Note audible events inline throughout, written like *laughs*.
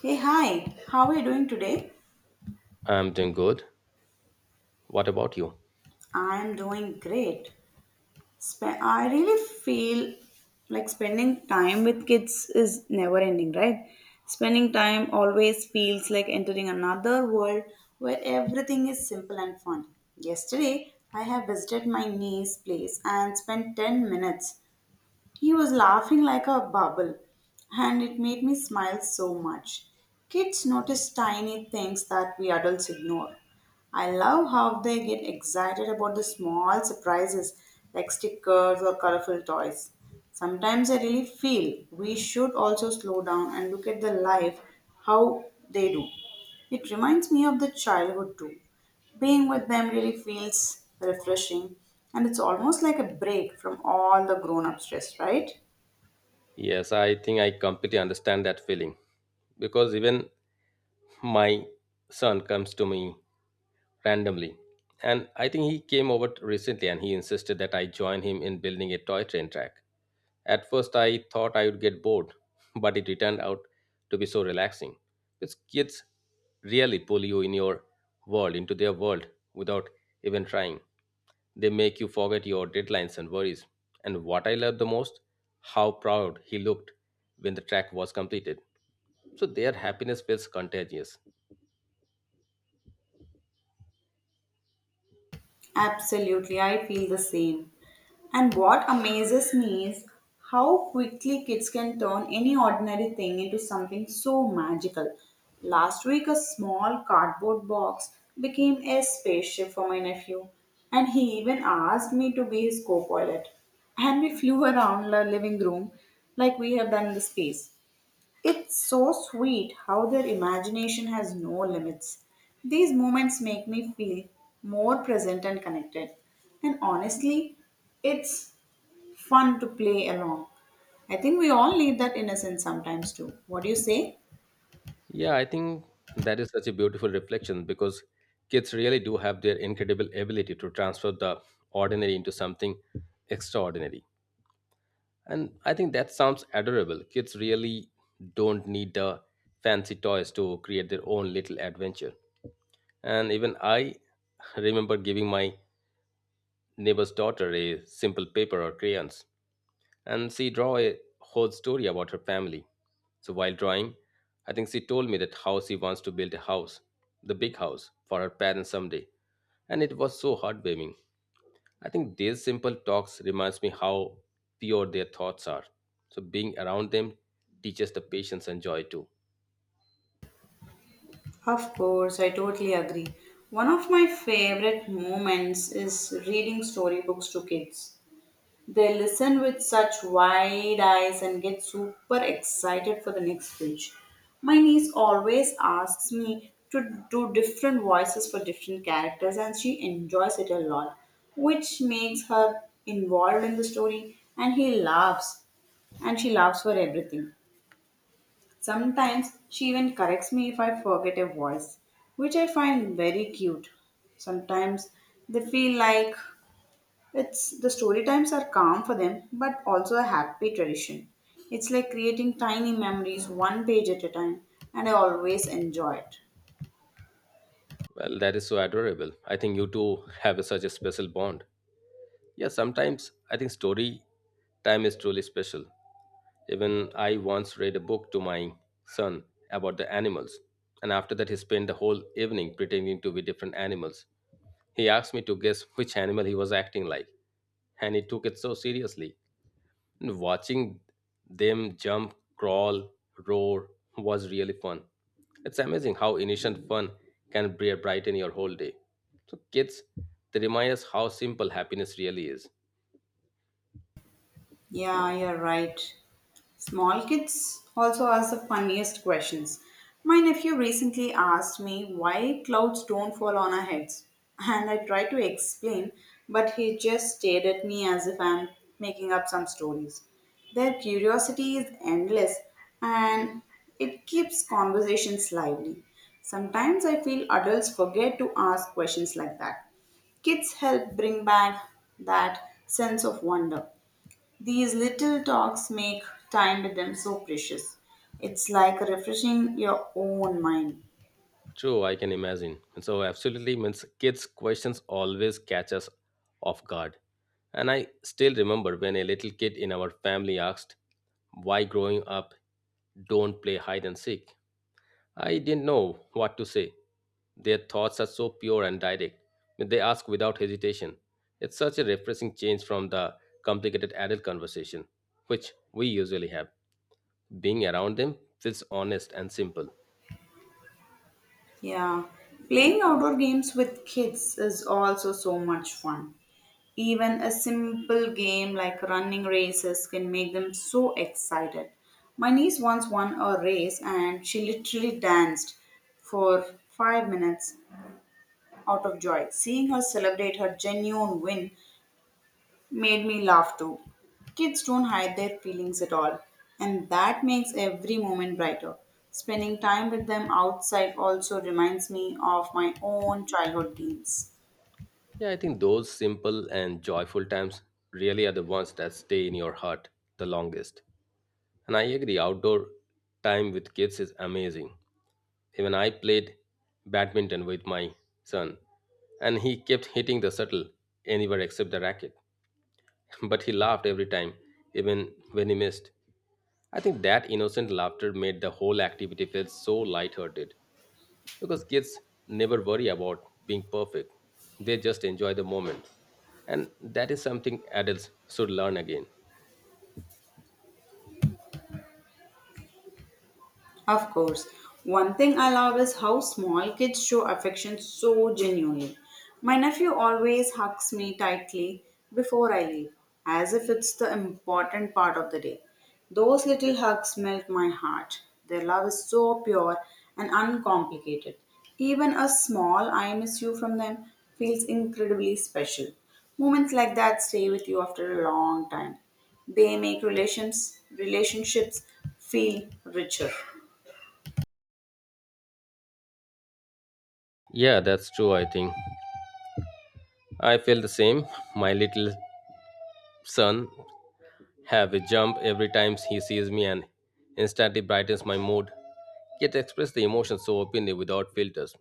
Hey, hi, how are you doing today? I'm doing good. What about you? I am doing great. I really feel like spending time with kids is never ending, right? Spending time always feels like entering another world where everything is simple and fun. Yesterday, I have visited my niece's place and spent 10 minutes. He was laughing like a bubble, and it made me smile so much. Kids notice tiny things that we adults ignore. I love how they get excited about the small surprises like stickers or colorful toys. Sometimes I really feel we should also slow down and look at the life how they do. It reminds me of the childhood too. Being with them really feels refreshing and it's almost like a break from all the grown up stress, right? Yes, I think I completely understand that feeling because even my son comes to me randomly. And I think he came over recently and he insisted that I join him in building a toy train track. At first, I thought I would get bored, *laughs* but it turned out to be so relaxing. Because kids really pull you in your world, into their world, without even trying. They make you forget your deadlines and worries. And what I loved the most, how proud he looked when the track was completed. So their happiness feels contagious. Absolutely, I feel the same. And what amazes me is how quickly kids can turn any ordinary thing into something so magical. Last week, a small cardboard box became a spaceship for my nephew, and he even asked me to be his co pilot. And we flew around the living room like we have done in the space. It's so sweet how their imagination has no limits. These moments make me feel more present and connected. And honestly, it's fun to play along. I think we all need that innocence sometimes too. What do you say? Yeah, I think that is such a beautiful reflection because kids really do have their incredible ability to transfer the ordinary into something extraordinary. And I think that sounds adorable. Kids really don't need the fancy toys to create their own little adventure. And even I remember giving my neighbor's daughter a simple paper or crayons and she draw a whole story about her family. So while drawing, I think she told me that how she wants to build a house, the big house, for her parents someday. And it was so heartwarming. I think these simple talks reminds me how pure their thoughts are. So being around them teaches the patience and joy too. Of course, I totally agree. One of my favorite moments is reading storybooks to kids. They listen with such wide eyes and get super excited for the next page. My niece always asks me to do different voices for different characters, and she enjoys it a lot, which makes her involved in the story. And he laughs, and she laughs for everything. Sometimes she even corrects me if I forget a voice, which I find very cute. Sometimes they feel like it's the story times are calm for them, but also a happy tradition. It's like creating tiny memories one page at a time, and I always enjoy it. Well, that is so adorable. I think you two have such a special bond. Yeah, sometimes I think story time is truly special. Even I once read a book to my son about the animals, and after that, he spent the whole evening pretending to be different animals. He asked me to guess which animal he was acting like, and he took it so seriously. And watching them jump, crawl, roar was really fun. It's amazing how innocent fun can brighten your whole day. So, kids, they remind us how simple happiness really is. Yeah, you're right. Small kids also ask the funniest questions. My nephew recently asked me why clouds don't fall on our heads, and I tried to explain, but he just stared at me as if I'm making up some stories. Their curiosity is endless and it keeps conversations lively. Sometimes I feel adults forget to ask questions like that. Kids help bring back that sense of wonder. These little talks make time with them so precious. It's like refreshing your own mind. True, I can imagine. So absolutely means kids' questions always catch us off guard. And I still remember when a little kid in our family asked why growing up don't play hide and seek. I didn't know what to say. Their thoughts are so pure and direct. They ask without hesitation. It's such a refreshing change from the complicated adult conversation, which we usually have. Being around them feels honest and simple. Yeah. Playing outdoor games with kids is also so much fun. Even a simple game like running races can make them so excited. My niece once won a race and she literally danced for 5 minutes out of joy. Seeing her celebrate her genuine win made me laugh too. Kids don't hide their feelings at all, and that makes every moment brighter. Spending time with them outside also reminds me of my own childhood games. Yeah, I think those simple and joyful times really are the ones that stay in your heart the longest. And I agree, outdoor time with kids is amazing. Even I played badminton with my son, and he kept hitting the shuttle anywhere except the racket. *laughs* But he laughed every time, even when he missed. I think that innocent laughter made the whole activity feel so lighthearted because kids never worry about being perfect. They just enjoy the moment. And that is something adults should learn again. Of course. One thing I love is how small kids show affection so genuinely. My nephew always hugs me tightly before I leave, as if it's the important part of the day. Those little hugs melt my heart. Their love is so pure and uncomplicated. Even a small I miss you from them feels incredibly special. Moments like that stay with you after a long time. They make relationships feel richer. Yeah, that's true, I think. I feel the same. My little son have a jump every time he sees me and instantly brightens my mood. Yet express the emotions so openly without filters.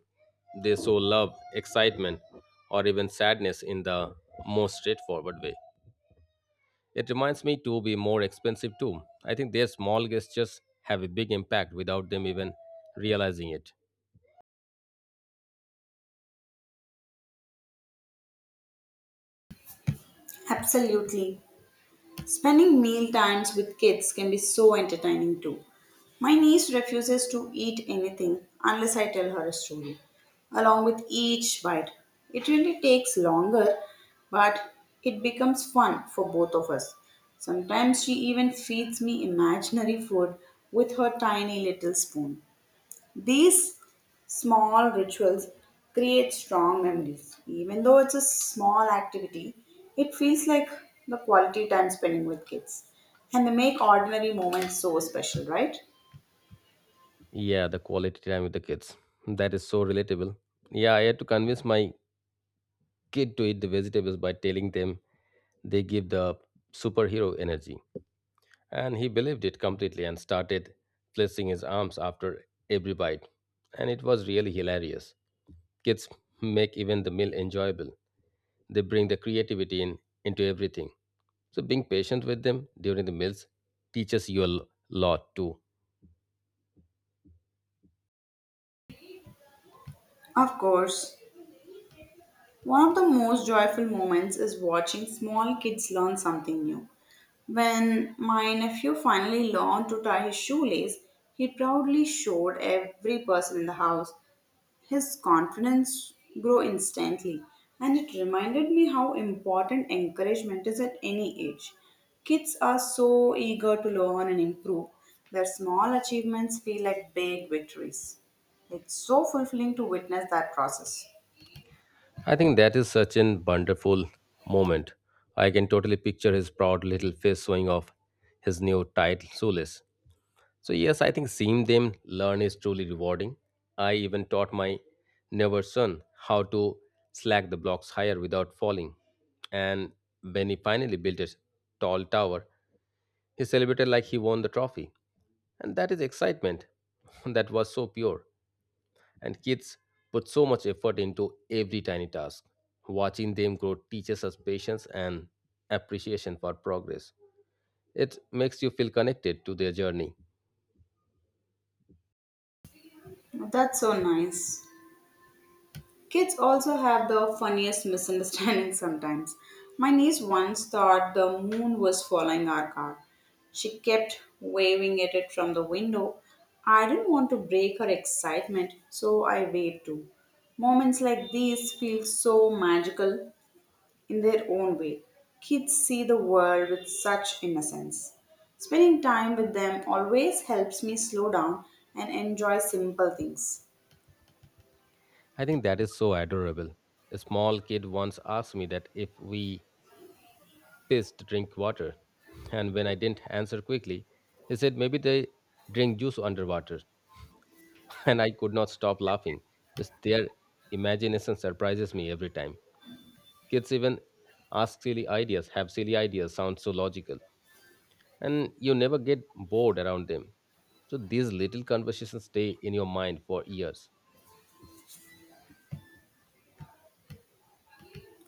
They show love, excitement, or even sadness in the most straightforward way. It reminds me to be more expensive too. I think their small gestures have a big impact without them even realizing it. Absolutely. Spending meal times with kids can be so entertaining too. My niece refuses to eat anything unless I tell her a story, along with each bite. It really takes longer, but it becomes fun for both of us. Sometimes she even feeds me imaginary food with her tiny little spoon. These small rituals create strong memories. Even though it's a small activity, it feels like the quality time spending with kids. And they make ordinary moments so special, right? Yeah, the quality time with the kids. That is so relatable. Yeah, I had to convince my kid to eat the vegetables by telling them they give the superhero energy. And he believed it completely and started flexing his arms after every bite. And it was really hilarious. Kids make even the meal enjoyable. They bring the creativity in into everything. So being patient with them during the meals teaches you a lot too. Of course, one of the most joyful moments is watching small kids learn something new. When my nephew finally learned to tie his shoelace, he proudly showed every person in the house. His confidence grew instantly, and it reminded me how important encouragement is at any age. Kids are so eager to learn and improve, their small achievements feel like big victories. It's so fulfilling to witness that process. I think that is such an wonderful moment. I can totally picture his proud little face showing off his new tight shoelace. So yes, I think seeing them learn is truly rewarding. I even taught my neighbor son how to slack the blocks higher without falling. And when he finally built a tall tower, he celebrated like he won the trophy. And that is excitement *laughs* that was so pure. And kids put so much effort into every tiny task. Watching them grow teaches us patience and appreciation for progress. It makes you feel connected to their journey. That's so nice. Kids also have the funniest *laughs* misunderstandings sometimes. My niece once thought the moon was following our car. She kept waving at it from the window. I didn't want to break her excitement, so I waved too. Moments like these feel so magical in their own way. Kids see the world with such innocence. Spending time with them always helps me slow down and enjoy simple things. I think that is so adorable. A small kid once asked me that if we pissed drink water. *laughs* And when I didn't answer quickly, he said maybe they drink juice underwater. *laughs* And I could not stop laughing. Just their imagination surprises me every time. Kids even have silly ideas, sounds so logical, and you never get bored around them. So these little conversations stay in your mind for years.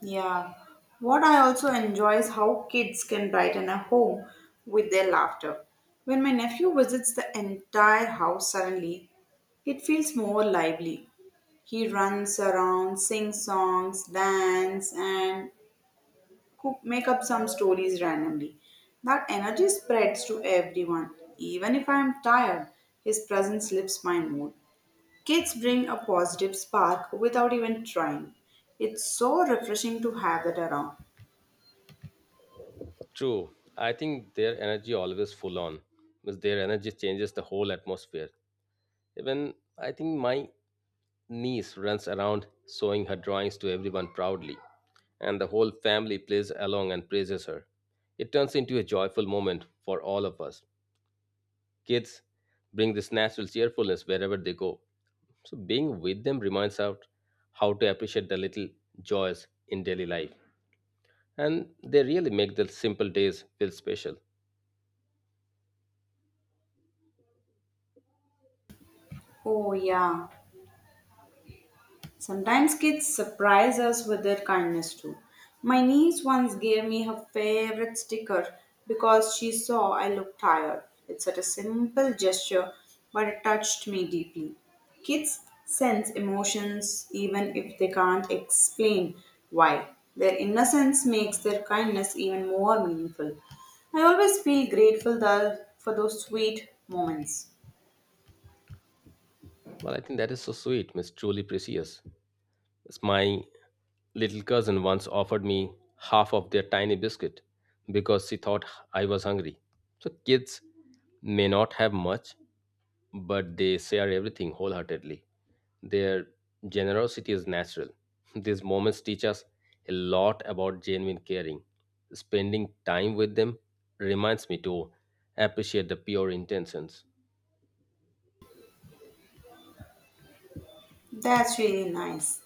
Yeah. What I also enjoy is how kids can brighten a home with their laughter. When my nephew visits the entire house suddenly, it feels more lively. He runs around, sings songs, dance, and cook, make up some stories randomly. That energy spreads to everyone. Even if I am tired, his presence lifts my mood. Kids bring a positive spark without even trying. It's so refreshing to have that around. True, I think their energy always full on, because their energy changes the whole atmosphere. Even I think my niece runs around showing her drawings to everyone proudly, and the whole family plays along and praises her. It turns into a joyful moment for all of us. Kids bring this natural cheerfulness wherever they go. So being with them reminds us how to appreciate the little joys in daily life. And they really make the simple days feel special. Oh, yeah. Sometimes kids surprise us with their kindness too. My niece once gave me her favorite sticker because she saw I looked tired. It's such a simple gesture, but it touched me deeply. Kids sense emotions even if they can't explain why. Their innocence makes their kindness even more meaningful. I always feel grateful for those sweet moments. Well, I think that is so sweet, Miss Truly Precious. As my little cousin once offered me half of their tiny biscuit because she thought I was hungry. So kids may not have much, but they share everything wholeheartedly. Their generosity is natural. *laughs* These moments teach us a lot about genuine caring. Spending time with them reminds me to appreciate the pure intentions. That's really nice.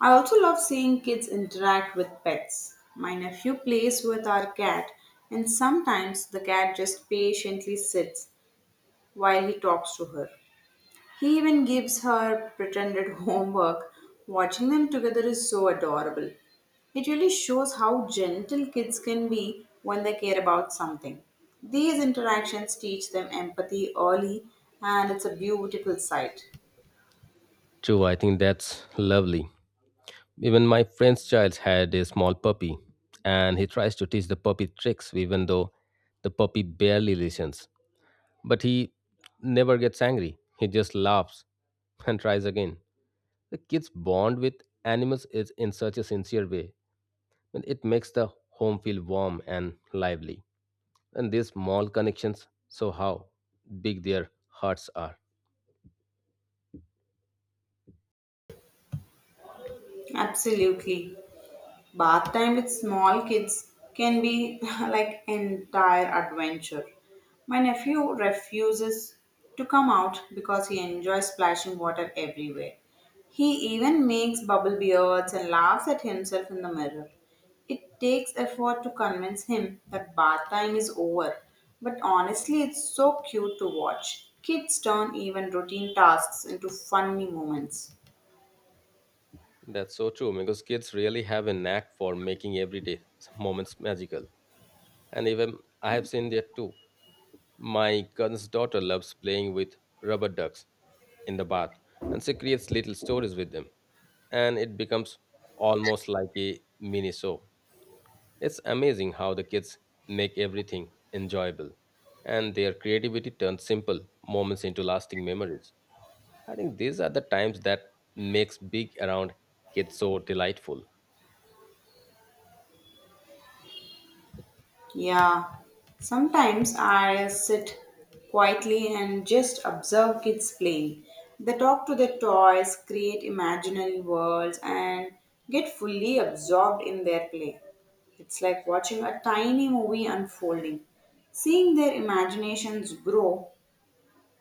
I also love seeing kids interact with pets. My nephew plays with our cat, and sometimes the cat just patiently sits while he talks to her. He even gives her pretended *laughs* homework. Watching them together is so adorable. It really shows how gentle kids can be when they care about something. These interactions teach them empathy early, and it's a beautiful sight. True, I think that's lovely. Even my friend's child had a small puppy, and he tries to teach the puppy tricks, even though the puppy barely listens. But he never gets angry, he just laughs and tries again. The kids bond with animals is in such a sincere way, and it makes the home feel warm and lively. And these small connections show how big their hearts are. Absolutely. Bath time with small kids can be *laughs* like entire adventure. My nephew refuses to come out because he enjoys splashing water everywhere. He even makes bubble beards and laughs at himself in the mirror. It takes effort to convince him that bath time is over, but honestly, it's so cute to watch. Kids turn even routine tasks into funny moments. That's so true because kids really have a knack for making everyday moments magical. And even I have seen that too. My cousin's daughter loves playing with rubber ducks in the bath, and she creates little stories with them, and it becomes almost like a mini show. It's amazing how the kids make everything enjoyable and their creativity turns simple moments into lasting memories. I think these are the times that makes big around kids so delightful. Yeah, sometimes I sit quietly and just observe kids playing. They talk to their toys, create imaginary worlds, and get fully absorbed in their play. It's like watching a tiny movie unfolding. Seeing their imaginations grow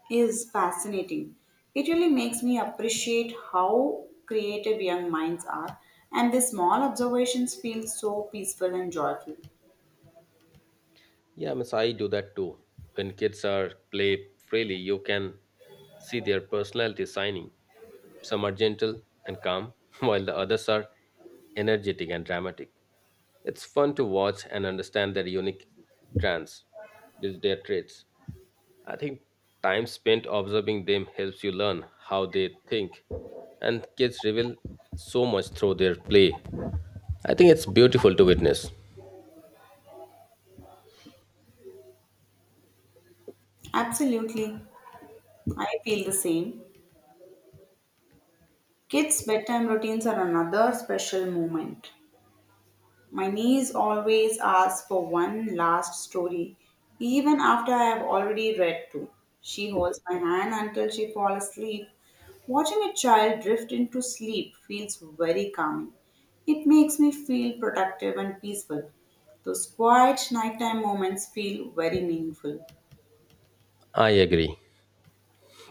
is fascinating. It really makes me appreciate how creative young minds are, and the small observations feel so peaceful and joyful. Yeah, Miss, I do that too. When kids are play freely, you can see their personality shining. Some are gentle and calm, *laughs* while the others are energetic and dramatic. It's fun to watch and understand their unique trends, their traits. I think time spent observing them helps you learn how they think, and kids reveal so much through their play. I think it's beautiful to witness. Absolutely. I feel the same. Kids' bedtime routines are another special moment. My niece always asks for one last story, even after I have already read two. She holds my hand until she falls asleep. Watching a child drift into sleep feels very calming. It makes me feel protective and peaceful. Those quiet nighttime moments feel very meaningful. I agree,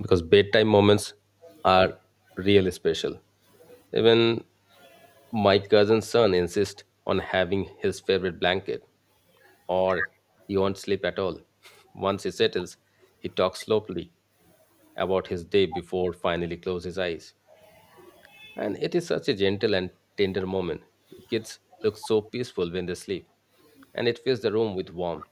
because bedtime moments are really special. Even my cousin's son insists on having his favorite blanket, or he won't sleep at all. Once he settles, he talks slowly about his day before finally close his eyes. And it is such a gentle and tender moment. Kids look so peaceful when they sleep, and it fills the room with warmth.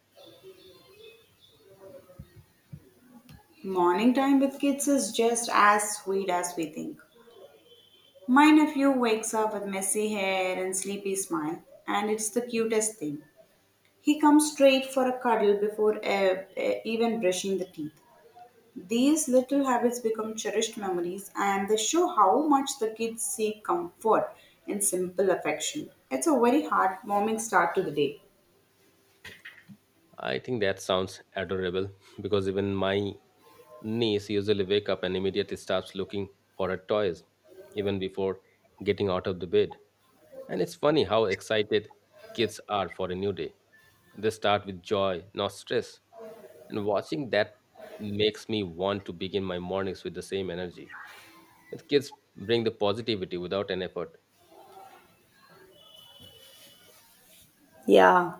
Morning time with kids is just as sweet as we think. My nephew wakes up with messy hair and sleepy smile, and it's the cutest thing. He comes straight for a cuddle before even brushing the teeth. These little habits become cherished memories, and they show how much the kids seek comfort in simple affection. It's a very heartwarming start to the day. I think that sounds adorable *laughs* because even my niece usually wake up and immediately starts looking for her toys, even before getting out of the bed. And it's funny how excited kids are for a new day. They start with joy, not stress. And watching that makes me want to begin my mornings with the same energy. It kids bring the positivity without an effort. Yeah.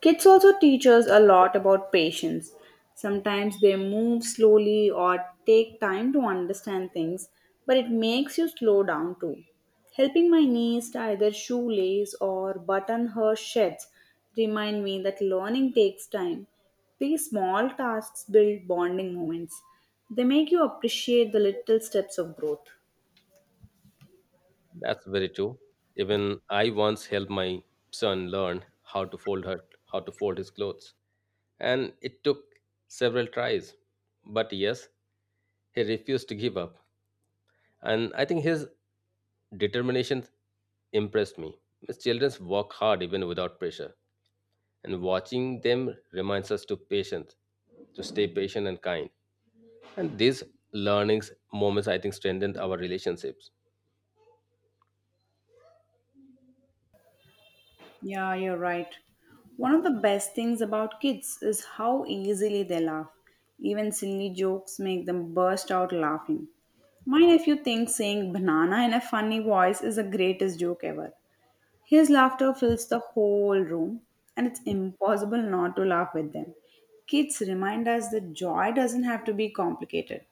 Kids also teach us a lot about patience. Sometimes they move slowly or take time to understand things, but it makes you slow down too. Helping my niece tie their shoelace or button her shirts remind me that learning takes time. These small tasks build bonding moments. They make you appreciate the little steps of growth. That's very true. Even I once helped my son learn how to fold his clothes, and it took several tries. But yes, he refused to give up, and I think his determination impressed me. His children work hard even without pressure, and watching them reminds us to stay patient and kind. And these learnings moments I think strengthened our relationships. Yeah, you're right. One of the best things about kids is how easily they laugh. Even silly jokes make them burst out laughing. My nephew thinks saying banana in a funny voice is the greatest joke ever. His laughter fills the whole room, and it's impossible not to laugh with them. Kids remind us that joy doesn't have to be complicated.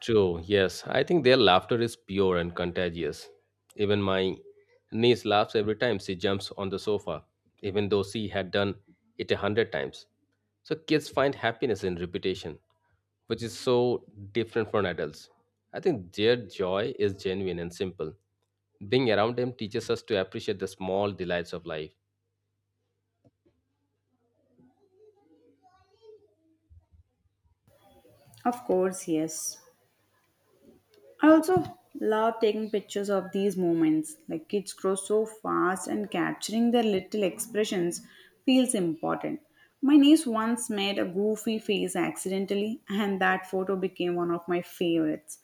True, yes. I think their laughter is pure and contagious. Even my niece laughs every time she jumps on the sofa, even though she had done it 100 times. So kids find happiness in repetition, which is so different from adults. I think their joy is genuine and simple. Being around them teaches us to appreciate the small delights of life. Of course, yes. I also love taking pictures of these moments. Like kids grow so fast, and capturing their little expressions feels important. My niece once made a goofy face accidentally, and that photo became one of my favorites.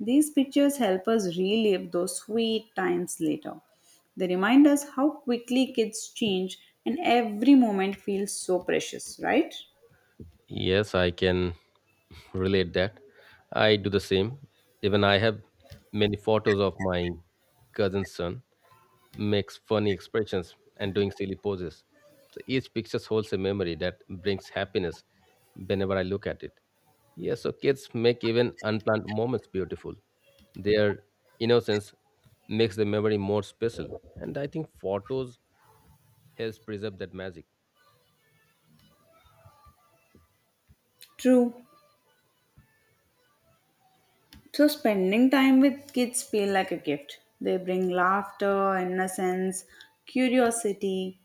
These pictures help us relive those sweet times later. They remind us how quickly kids change, and every moment feels so precious, right? Yes, I can *laughs* relate that. I do the same. Even I have many photos of my cousin's son. Makes funny expressions and doing silly poses. So each picture holds a memory that brings happiness whenever I look at it. Yeah, so kids make even unplanned moments beautiful. Their innocence makes the memory more special. And I think photos helps preserve that magic. True. So spending time with kids feel like a gift. They bring laughter, innocence, curiosity,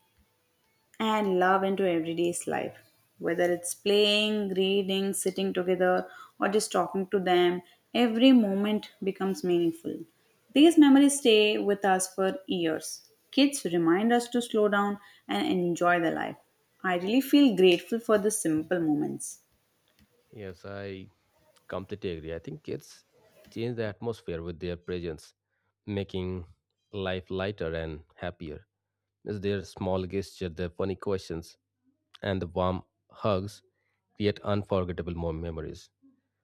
and love into everyday's life. Whether it's playing, reading, sitting together, or just talking to them, every moment becomes meaningful. These memories stay with us for years. Kids remind us to slow down and enjoy the life. I really feel grateful for the simple moments. Yes, I completely agree. I think kids change the atmosphere with their presence, making life lighter and happier. It's their small gesture, their funny questions, and the warm hugs create unforgettable more memories.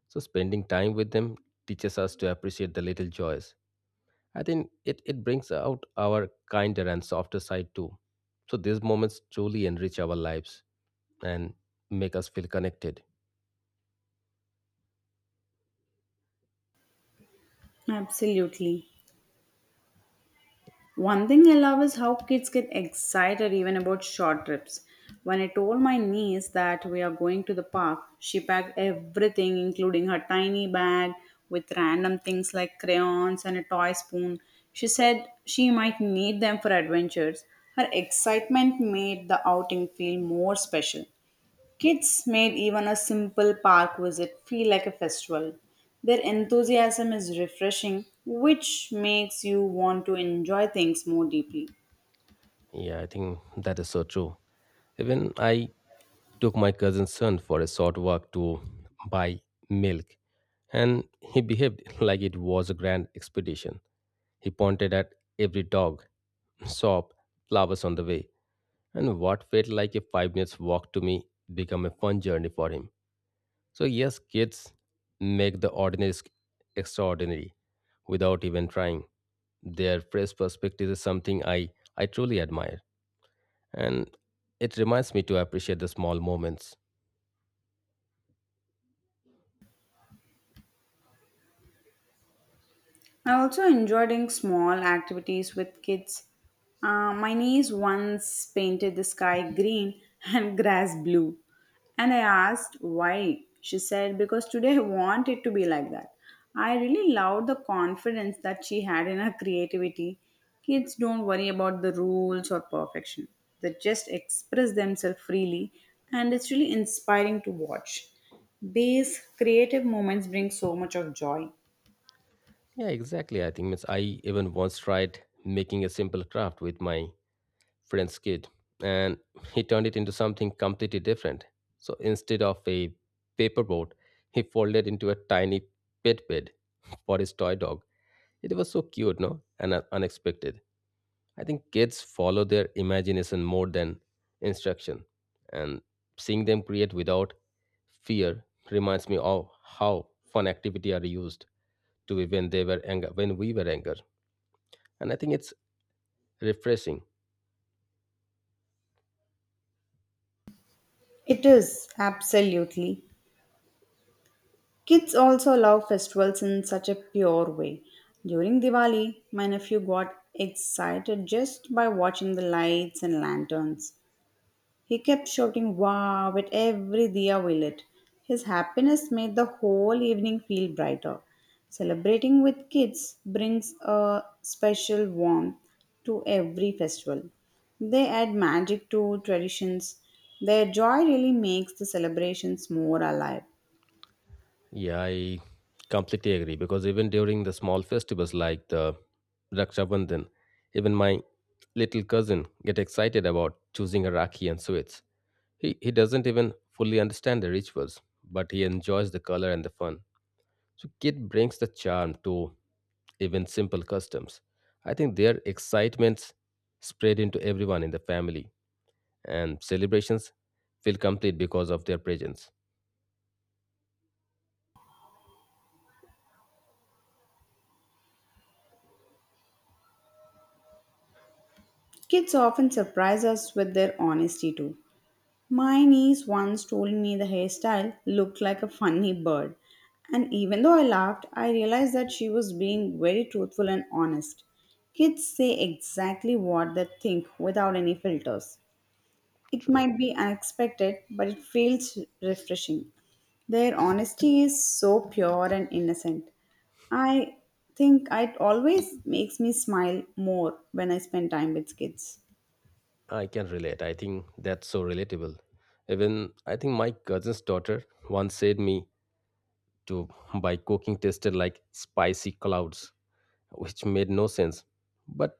So spending time with them teaches us to appreciate the little joys. I think it brings out our kinder and softer side too. So these moments truly enrich our lives and make us feel connected. Absolutely. One thing I love is how kids get excited even about short trips. When I told my niece that we are going to the park, she packed everything, including her tiny bag with random things like crayons and a toy spoon. She said she might need them for adventures. Her excitement made the outing feel more special. Kids made even a simple park visit feel like a festival. Their enthusiasm is refreshing, which makes you want to enjoy things more deeply. Yeah, I think that is so true. Even I took my cousin's son for a short walk to buy milk and he behaved *laughs* like it was a grand expedition. He pointed at every dog, shop, flowers on the way and what felt like a 5 minutes walk to me became a fun journey for him. So yes, kids make the ordinary extraordinary without even trying. Their fresh perspective is something I truly admire. And it reminds me to appreciate the small moments. I also enjoy doing small activities with kids. My niece once painted the sky green and *laughs* grass blue. And I asked why. She said, "Because today I want it to be like that." I really loved the confidence that she had in her creativity. Kids don't worry about the rules or perfection, they just express themselves freely, and it's really inspiring to watch. These creative moments bring so much of joy. Yeah, exactly. I think means I even once tried making a simple craft with my friend's kid and he turned it into something completely different. So instead of a paper boat, he folded into a tiny pet bed for his toy dog. It was so cute, no? And unexpected. I think kids follow their imagination more than instruction. And seeing them create without fear reminds me of how fun activity are used to be when they were anger when we were anger. And I think it's refreshing. It is, absolutely. Kids also love festivals in such a pure way. During Diwali, my nephew got excited just by watching the lights and lanterns. He kept shouting wow at every diya we lit. His happiness made the whole evening feel brighter. Celebrating with kids brings a special warmth to every festival. They add magic to traditions. Their joy really makes the celebrations more alive. Yeah, I completely agree because even during the small festivals like the Raksha Bandhan, even my little cousin get excited about choosing a rakhi and sweets. He doesn't even fully understand the rituals, but he enjoys the color and the fun. So, kid brings the charm to even simple customs. I think their excitements spread into everyone in the family, and celebrations feel complete because of their presence. Kids often surprise us with their honesty too. My niece once told me the hairstyle looked like a funny bird, and even though I laughed, I realized that she was being very truthful and honest. Kids say exactly what they think without any filters. It True. might be unexpected, but it feels refreshing. Their honesty is so pure and innocent. I think it always makes me smile more when I spend time with kids. I can relate. I think that's so relatable. Even I think my cousin's daughter once said me to by cooking tasted like spicy clouds, which made no sense, but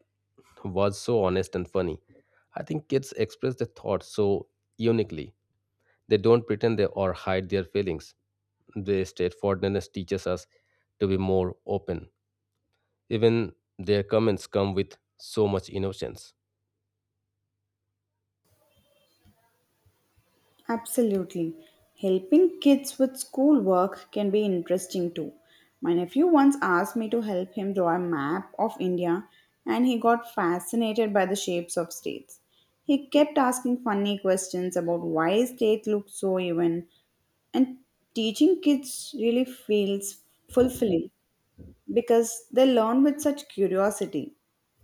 was so honest and funny. I think kids express their thoughts so uniquely. They don't pretend they or hide their feelings. Their straightforwardness teaches us to be more open. Even their comments come with so much innocence. Absolutely. Helping kids with schoolwork can be interesting too. My nephew once asked me to help him draw a map of India and he got fascinated by the shapes of states. He kept asking funny questions about why states look so even and teaching kids really feels fulfilling because they learn with such curiosity.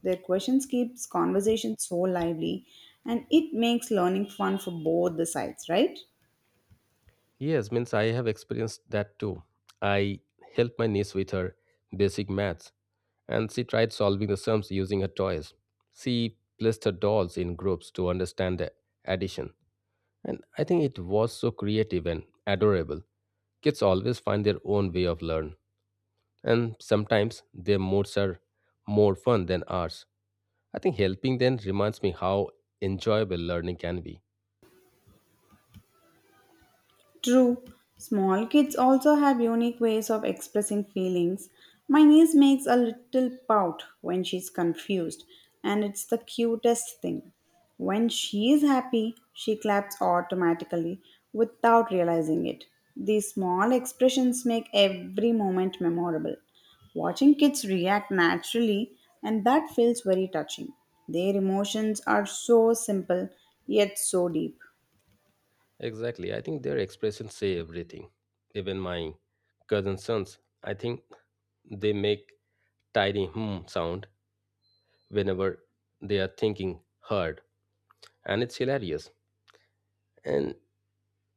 Their questions keeps conversation so lively and it makes learning fun for both the sides, right? Yes, means I have experienced that too. I helped my niece with her basic maths, and she tried solving the sums using her toys. She placed her dolls in groups to understand the addition. And I think it was so creative and adorable. Kids always find their own way of learn. And sometimes their moods are more fun than ours. I think helping them reminds me how enjoyable learning can be. True, small kids also have unique ways of expressing feelings. My niece makes a little pout when she's confused, and it's the cutest thing. When she is happy, she claps automatically without realizing it. These small expressions make every moment memorable. Watching kids react naturally, and that feels very touching. Their emotions are so simple yet so deep. Exactly. I think their expressions say everything. Even my cousin sons, I think they make tiny hmm sound whenever they are thinking hard and it's hilarious. And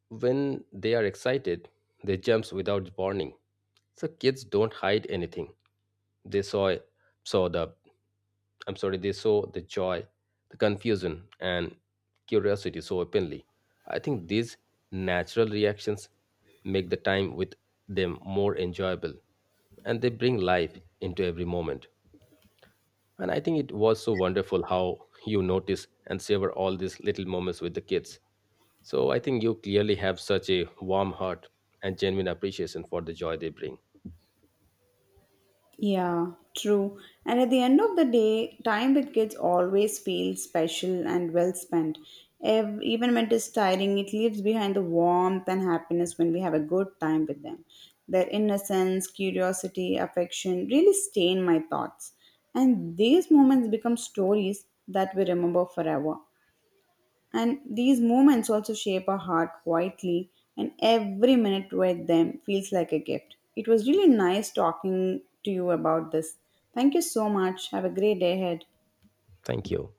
when they are excited, they jumps without warning. So kids don't hide anything. They saw saw the they saw the joy, the confusion, and curiosity so openly. I think these natural reactions make the time with them more enjoyable and they bring life into every moment. And I think it was so wonderful how you notice and savor all these little moments with the kids. So I think you clearly have such a warm heart and genuine appreciation for the joy they bring. Yeah, true. And at the end of the day, time with kids always feels special and well spent. Even when it is tiring, it leaves behind the warmth and happiness when we have a good time with them. Their innocence, curiosity, affection really stain my thoughts. And these moments become stories that we remember forever. And these moments also shape our heart quietly, and every minute with them feels like a gift. It was really nice talking to you about this. Thank you so much. Have a great day ahead. Thank you.